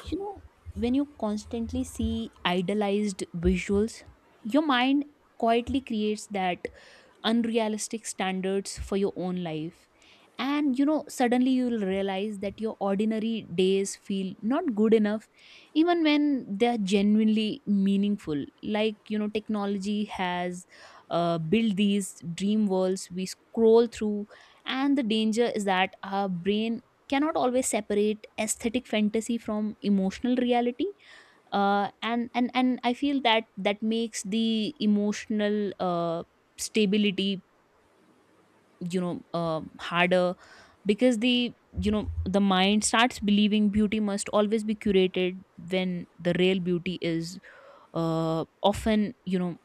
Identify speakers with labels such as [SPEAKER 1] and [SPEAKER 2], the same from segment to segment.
[SPEAKER 1] You know, when you constantly see idealized visuals, your mind quietly creates that unrealistic standards for your own life. And suddenly you'll realize that your ordinary days feel not good enough, even when they're genuinely meaningful. Like, technology has built these dream worlds we scroll through, and the danger is that our brain cannot always separate aesthetic fantasy from emotional reality. And I feel that that makes the emotional stability harder, because the you know the mind starts believing beauty must always be curated, when the real beauty is uh, often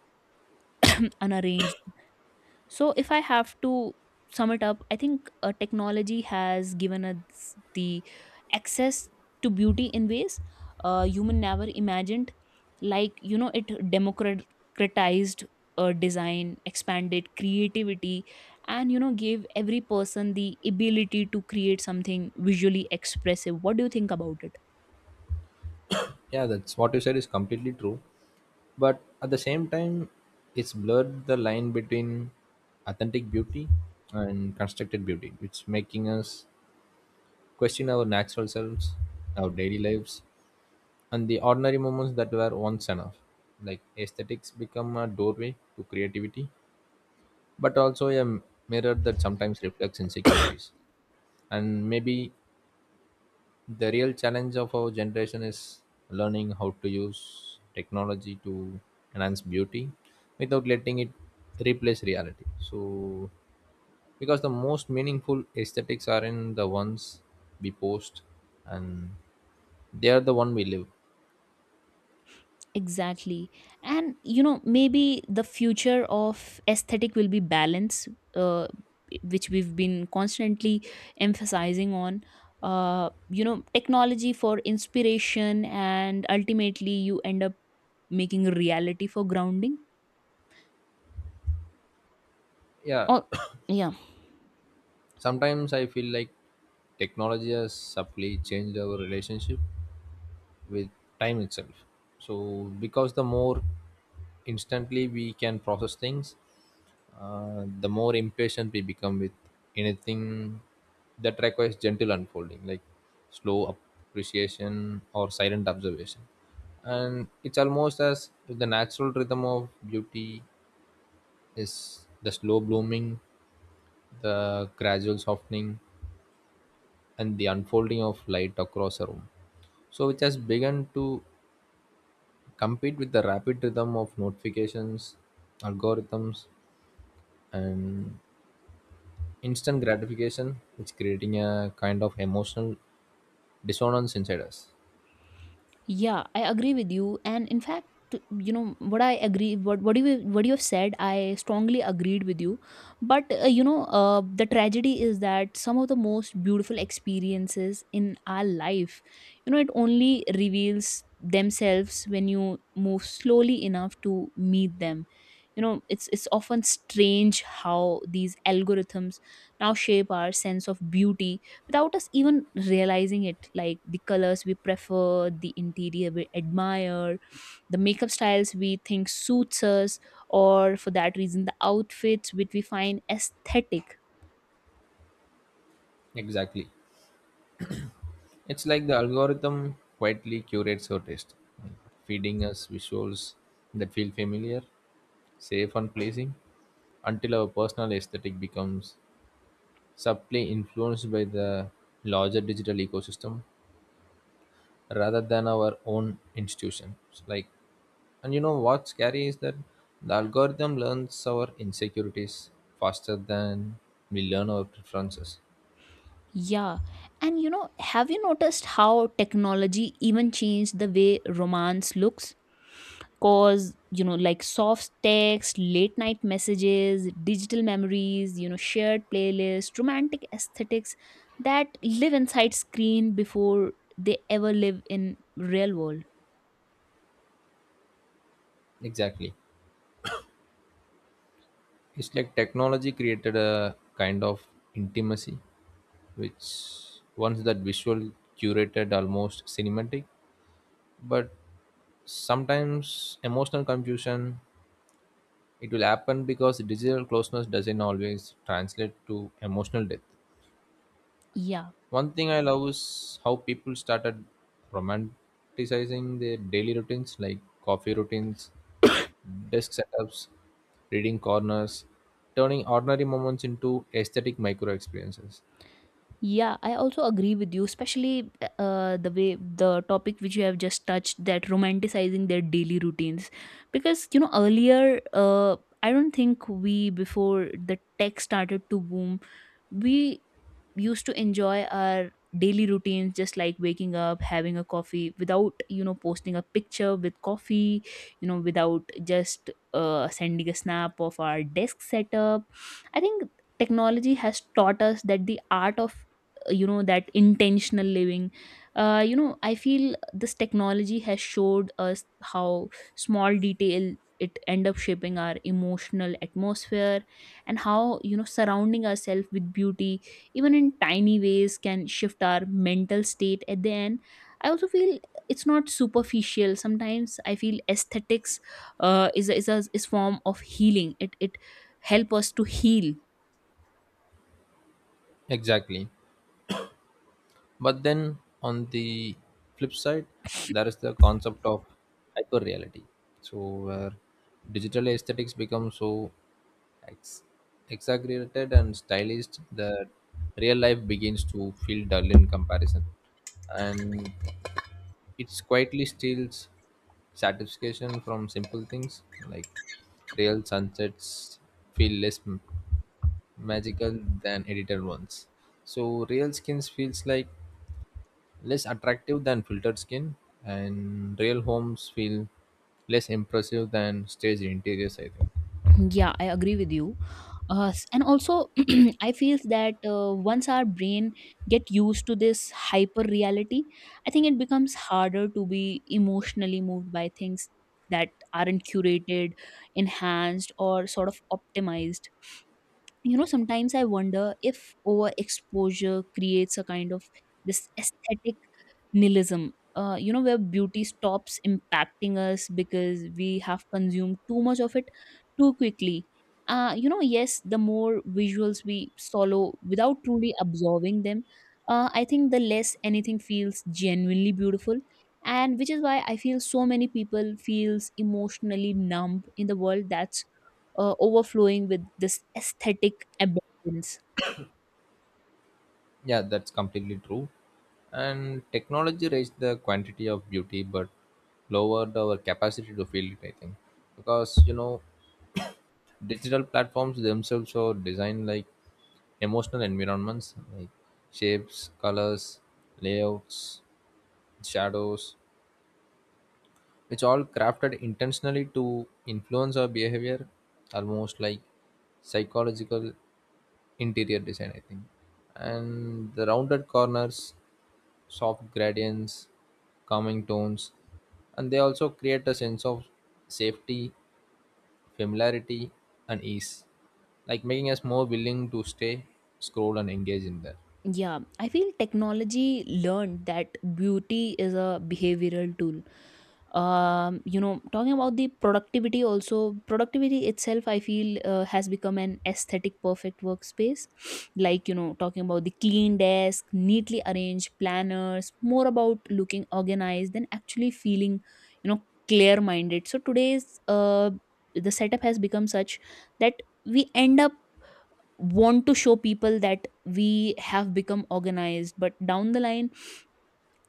[SPEAKER 1] unarranged. So, if I have to sum it up, I think technology has given us the access to beauty in ways human never imagined. Like, it democratized design, expanded creativity, and, gave every person the ability to create something visually expressive. What do you think about it?
[SPEAKER 2] Yeah, that's what you said is completely true, but at the same time it's blurred the line between authentic beauty and constructed beauty. It's making us question our natural selves, our daily lives, and the ordinary moments that were once enough. Like, aesthetics become a doorway to creativity but also a mirror that sometimes reflects insecurities. And maybe the real challenge of our generation is learning how to use technology to enhance beauty without letting it replace reality. So, because the most meaningful aesthetics are in the ones we post and they are the one we live.
[SPEAKER 1] Exactly. And maybe the future of aesthetic will be balance, uh, which we've been constantly emphasizing on. Technology for inspiration, and ultimately, you end up making reality for grounding.
[SPEAKER 2] Yeah.
[SPEAKER 1] Oh, yeah.
[SPEAKER 2] Sometimes I feel like technology has subtly changed our relationship with time itself. So, because the more instantly we can process things, the more impatient we become with anything that requires gentle unfolding, like slow appreciation or silent observation. And it's almost as if the natural rhythm of beauty is the slow blooming, the gradual softening, and the unfolding of light across a room. So, which has begun to compete with the rapid rhythm of notifications, algorithms, and instant gratification. It's creating a kind of emotional dissonance inside us.
[SPEAKER 1] Yeah, I agree with you. And in fact, you know what I agree what you have said, I strongly agreed with you. But the tragedy is that some of the most beautiful experiences in our life, it only reveals themselves when you move slowly enough to meet them. It's often strange how these algorithms now shape our sense of beauty without us even realizing it, like the colors we prefer, the interior we admire, the makeup styles we think suits us, or for that reason the outfits which we find aesthetic.
[SPEAKER 2] Exactly. It's like the algorithm quietly curates our taste, like feeding us visuals that feel familiar, safe and pleasing, until our personal aesthetic becomes subtly influenced by the larger digital ecosystem rather than our own institutions. Like, and you know what's scary is that the algorithm learns our insecurities faster than we learn our preferences.
[SPEAKER 1] Yeah. And have you noticed how technology even changed the way romance looks? Cause like soft text, late night messages, digital memories, shared playlists, romantic aesthetics that live inside screen before they ever live in real world.
[SPEAKER 2] Exactly. It's like technology created a kind of intimacy which once that visual curated almost cinematic, but sometimes emotional confusion, it will happen, because digital closeness doesn't always translate to emotional depth.
[SPEAKER 1] Yeah,
[SPEAKER 2] One thing I love is how people started romanticizing their daily routines, like coffee routines, desk setups, reading corners, turning ordinary moments into aesthetic micro experiences.
[SPEAKER 1] yeah, I also agree with you, especially the way the topic which you have just touched, that romanticizing their daily routines. Because earlier, I don't think we, before the tech started to boom, we used to enjoy our daily routines, just like waking up, having a coffee without posting a picture with coffee, without just sending a snap of our desk setup. I think technology has taught us that the art of that intentional living, I feel this technology has showed us how small detail it end up shaping our emotional atmosphere, and how surrounding ourselves with beauty, even in tiny ways, can shift our mental state. At the end, I also feel it's not superficial. Sometimes I feel aesthetics is form of healing, it help us to heal.
[SPEAKER 2] Exactly. But then on the flip side, there is the concept of hyperreality. So where digital aesthetics become so ex- exaggerated and stylized that real life begins to feel dull in comparison. And it quietly steals satisfaction from simple things, like real sunsets feel less magical than edited ones. So real skins feels like less attractive than filtered skin, and real homes feel less impressive than stage interiors, I think.
[SPEAKER 1] Yeah, I agree with you. And also I feel that once our brain get used to this hyper reality, I think it becomes harder to be emotionally moved by things that aren't curated, enhanced, or sort of optimized. Sometimes I wonder if overexposure creates a kind of this aesthetic nihilism, where beauty stops impacting us because we have consumed too much of it too quickly. Yes, the more visuals we swallow without truly absorbing them, I think the less anything feels genuinely beautiful, and which is why I feel so many people feels emotionally numb in the world that's overflowing with this aesthetic abundance.
[SPEAKER 2] Yeah, that's completely true. And technology raised the quantity of beauty but lowered our capacity to feel it, I think, because you know, digital platforms themselves are designed like emotional environments, like shapes, colors, layouts, shadows, which all crafted intentionally to influence our behavior, almost like psychological interior design, I think. And the rounded corners, soft gradients, calming tones, and they also create a sense of safety, familiarity, and ease, like making us more willing to stay, scroll and engage in there.
[SPEAKER 1] Yeah, I feel technology learned that beauty is a behavioral tool. Talking about the productivity, also productivity itself, I feel has become an aesthetic perfect workspace. Like, talking about the clean desk, neatly arranged planners, more about looking organized than actually feeling, clear minded. So today's the setup has become such that we end up want to show people that we have become organized, but down the line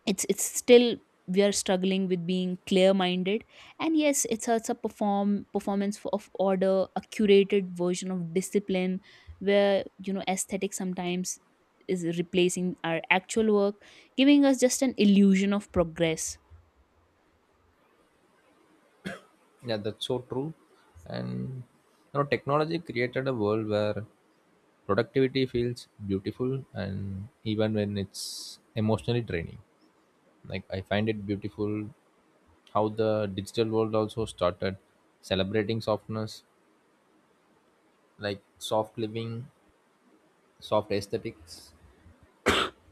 [SPEAKER 1] it's still we are struggling with being clear minded. And yes, it's a performance of order, a curated version of discipline, where aesthetic sometimes is replacing our actual work, giving us just an illusion of progress.
[SPEAKER 2] Yeah, that's so true. And you know, technology created a world where productivity feels beautiful, and even when it's emotionally draining. Like I find it beautiful how the digital world also started celebrating softness, like soft living, soft aesthetics,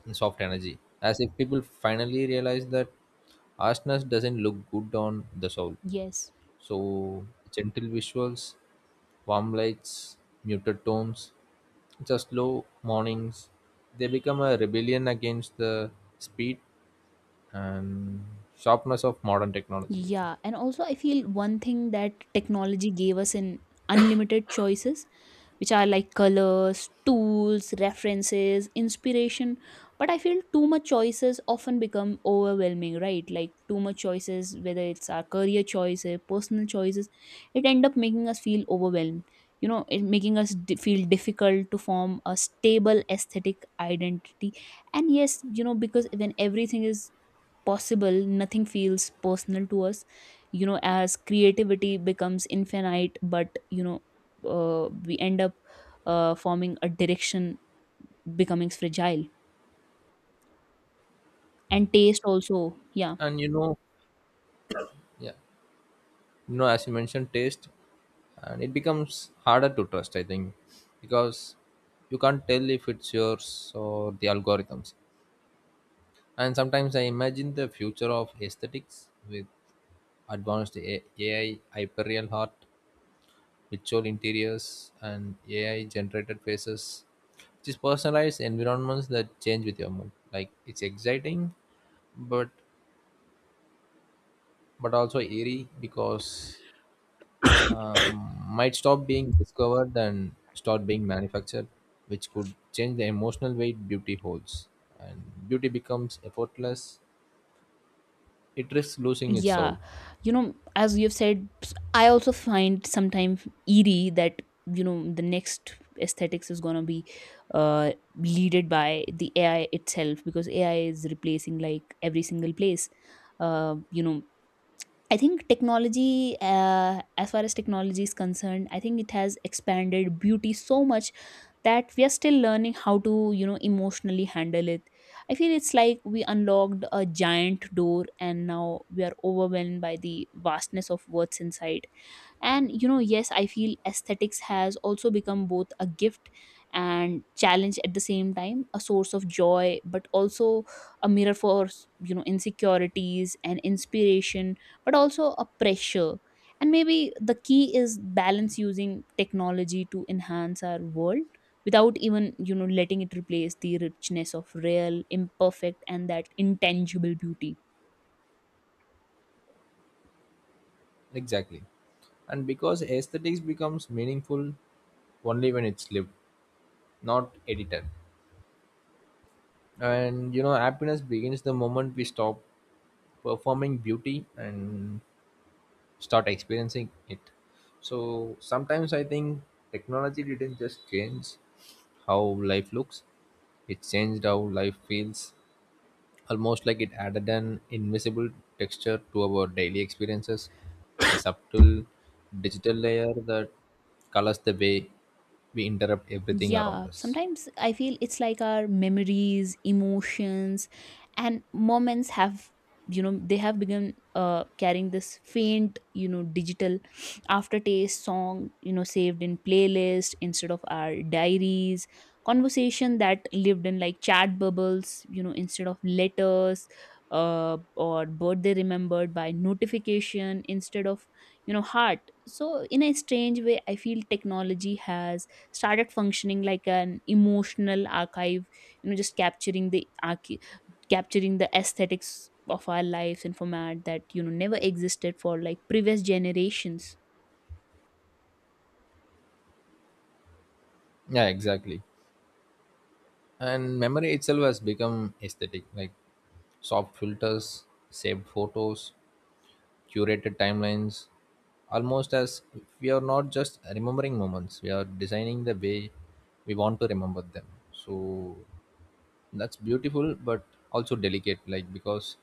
[SPEAKER 2] and soft energy. As if people finally realize that harshness doesn't look good on the soul.
[SPEAKER 1] Yes.
[SPEAKER 2] So gentle visuals, warm lights, muted tones, just slow mornings. They become a rebellion against the speed and sharpness of modern technology, I think.
[SPEAKER 1] Yeah. And also I feel one thing that technology gave us in unlimited choices, which are like colors, tools, references, inspiration. But I feel too much choices often become overwhelming, right? Like too much choices, whether it's our career choices, personal choices, it end up making us feel overwhelmed. It making us feel difficult to form a stable aesthetic identity. And yes, because when everything is possible, nothing feels personal to us, as creativity becomes infinite. But we end up forming a direction, becoming fragile, and taste also. Yeah.
[SPEAKER 2] And you know, yeah, you know, as you mentioned, taste, and it becomes harder to trust, I think, because you can't tell if it's yours or the algorithms. And sometimes I imagine the future of aesthetics with advanced AI hyperreal art, virtual interiors, and AI generated faces, which is personalized environments that change with your mood. Like it's exciting, but but also eerie because might stop being discovered and start being manufactured, which could change the emotional weight beauty holds, and beauty becomes effortless. It risks losing its
[SPEAKER 1] Yeah,
[SPEAKER 2] soul.
[SPEAKER 1] as you've said, I also find sometimes eerie that the next aesthetics is gonna be leaded by the ai itself, because ai is replacing like every single place. uh you know I think technology, as far as technology is concerned, I think it has expanded beauty so much that we are still learning how to, emotionally handle it. I feel it's like we unlocked a giant door, and now we are overwhelmed by the vastness of what's inside. And yes, I feel aesthetics has also become both a gift and challenge at the same time, a source of joy, but also a mirror for insecurities and inspiration, but also a pressure. And maybe the key is balance, using technology to enhance our world without even letting it replace the richness of real, imperfect, and that intangible beauty.
[SPEAKER 2] Exactly. And because aesthetics becomes meaningful only when it's lived, not edited. And you know, happiness begins the moment we stop performing beauty and start experiencing it. So sometimes I think technology didn't just change how life looks, it changed how life feels, almost like it added an invisible texture to our daily experiences, a subtle digital layer that colors the way we interrupt everything around
[SPEAKER 1] Yeah,
[SPEAKER 2] us.
[SPEAKER 1] sometimes I feel it's like our memories, emotions, and moments have begun carrying this faint, digital aftertaste, song, saved in playlist instead of our diaries, conversation that lived in like chat bubbles, instead of letters, or birthday remembered by notification instead of, heart. So, in a strange way, I feel technology has started functioning like an emotional archive, just capturing the capturing the aesthetics of our lives in format that never existed for like previous generations.
[SPEAKER 2] Yeah, exactly. And memory itself has become aesthetic, like soft filters, saved photos, curated timelines, almost as if we are not just remembering moments, we are designing the way we want to remember them. So that's beautiful but also delicate, like, because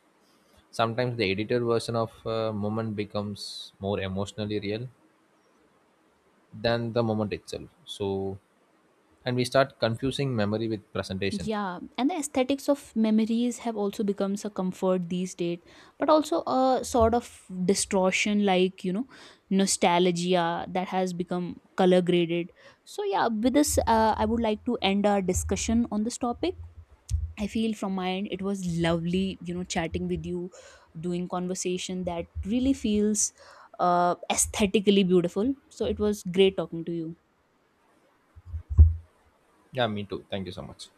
[SPEAKER 2] sometimes the edited version of a moment becomes more emotionally real than the moment itself. So, and we start confusing memory with presentation.
[SPEAKER 1] Yeah. And the aesthetics of memories have also becomes a comfort these days, but also a sort of distortion, like nostalgia that has become color graded. So yeah, with this, I would like to end our discussion on this topic. I feel from my end it was lovely, chatting with you, doing conversation that really feels aesthetically beautiful. So it was great talking to you.
[SPEAKER 2] Yeah, me too. Thank you so much.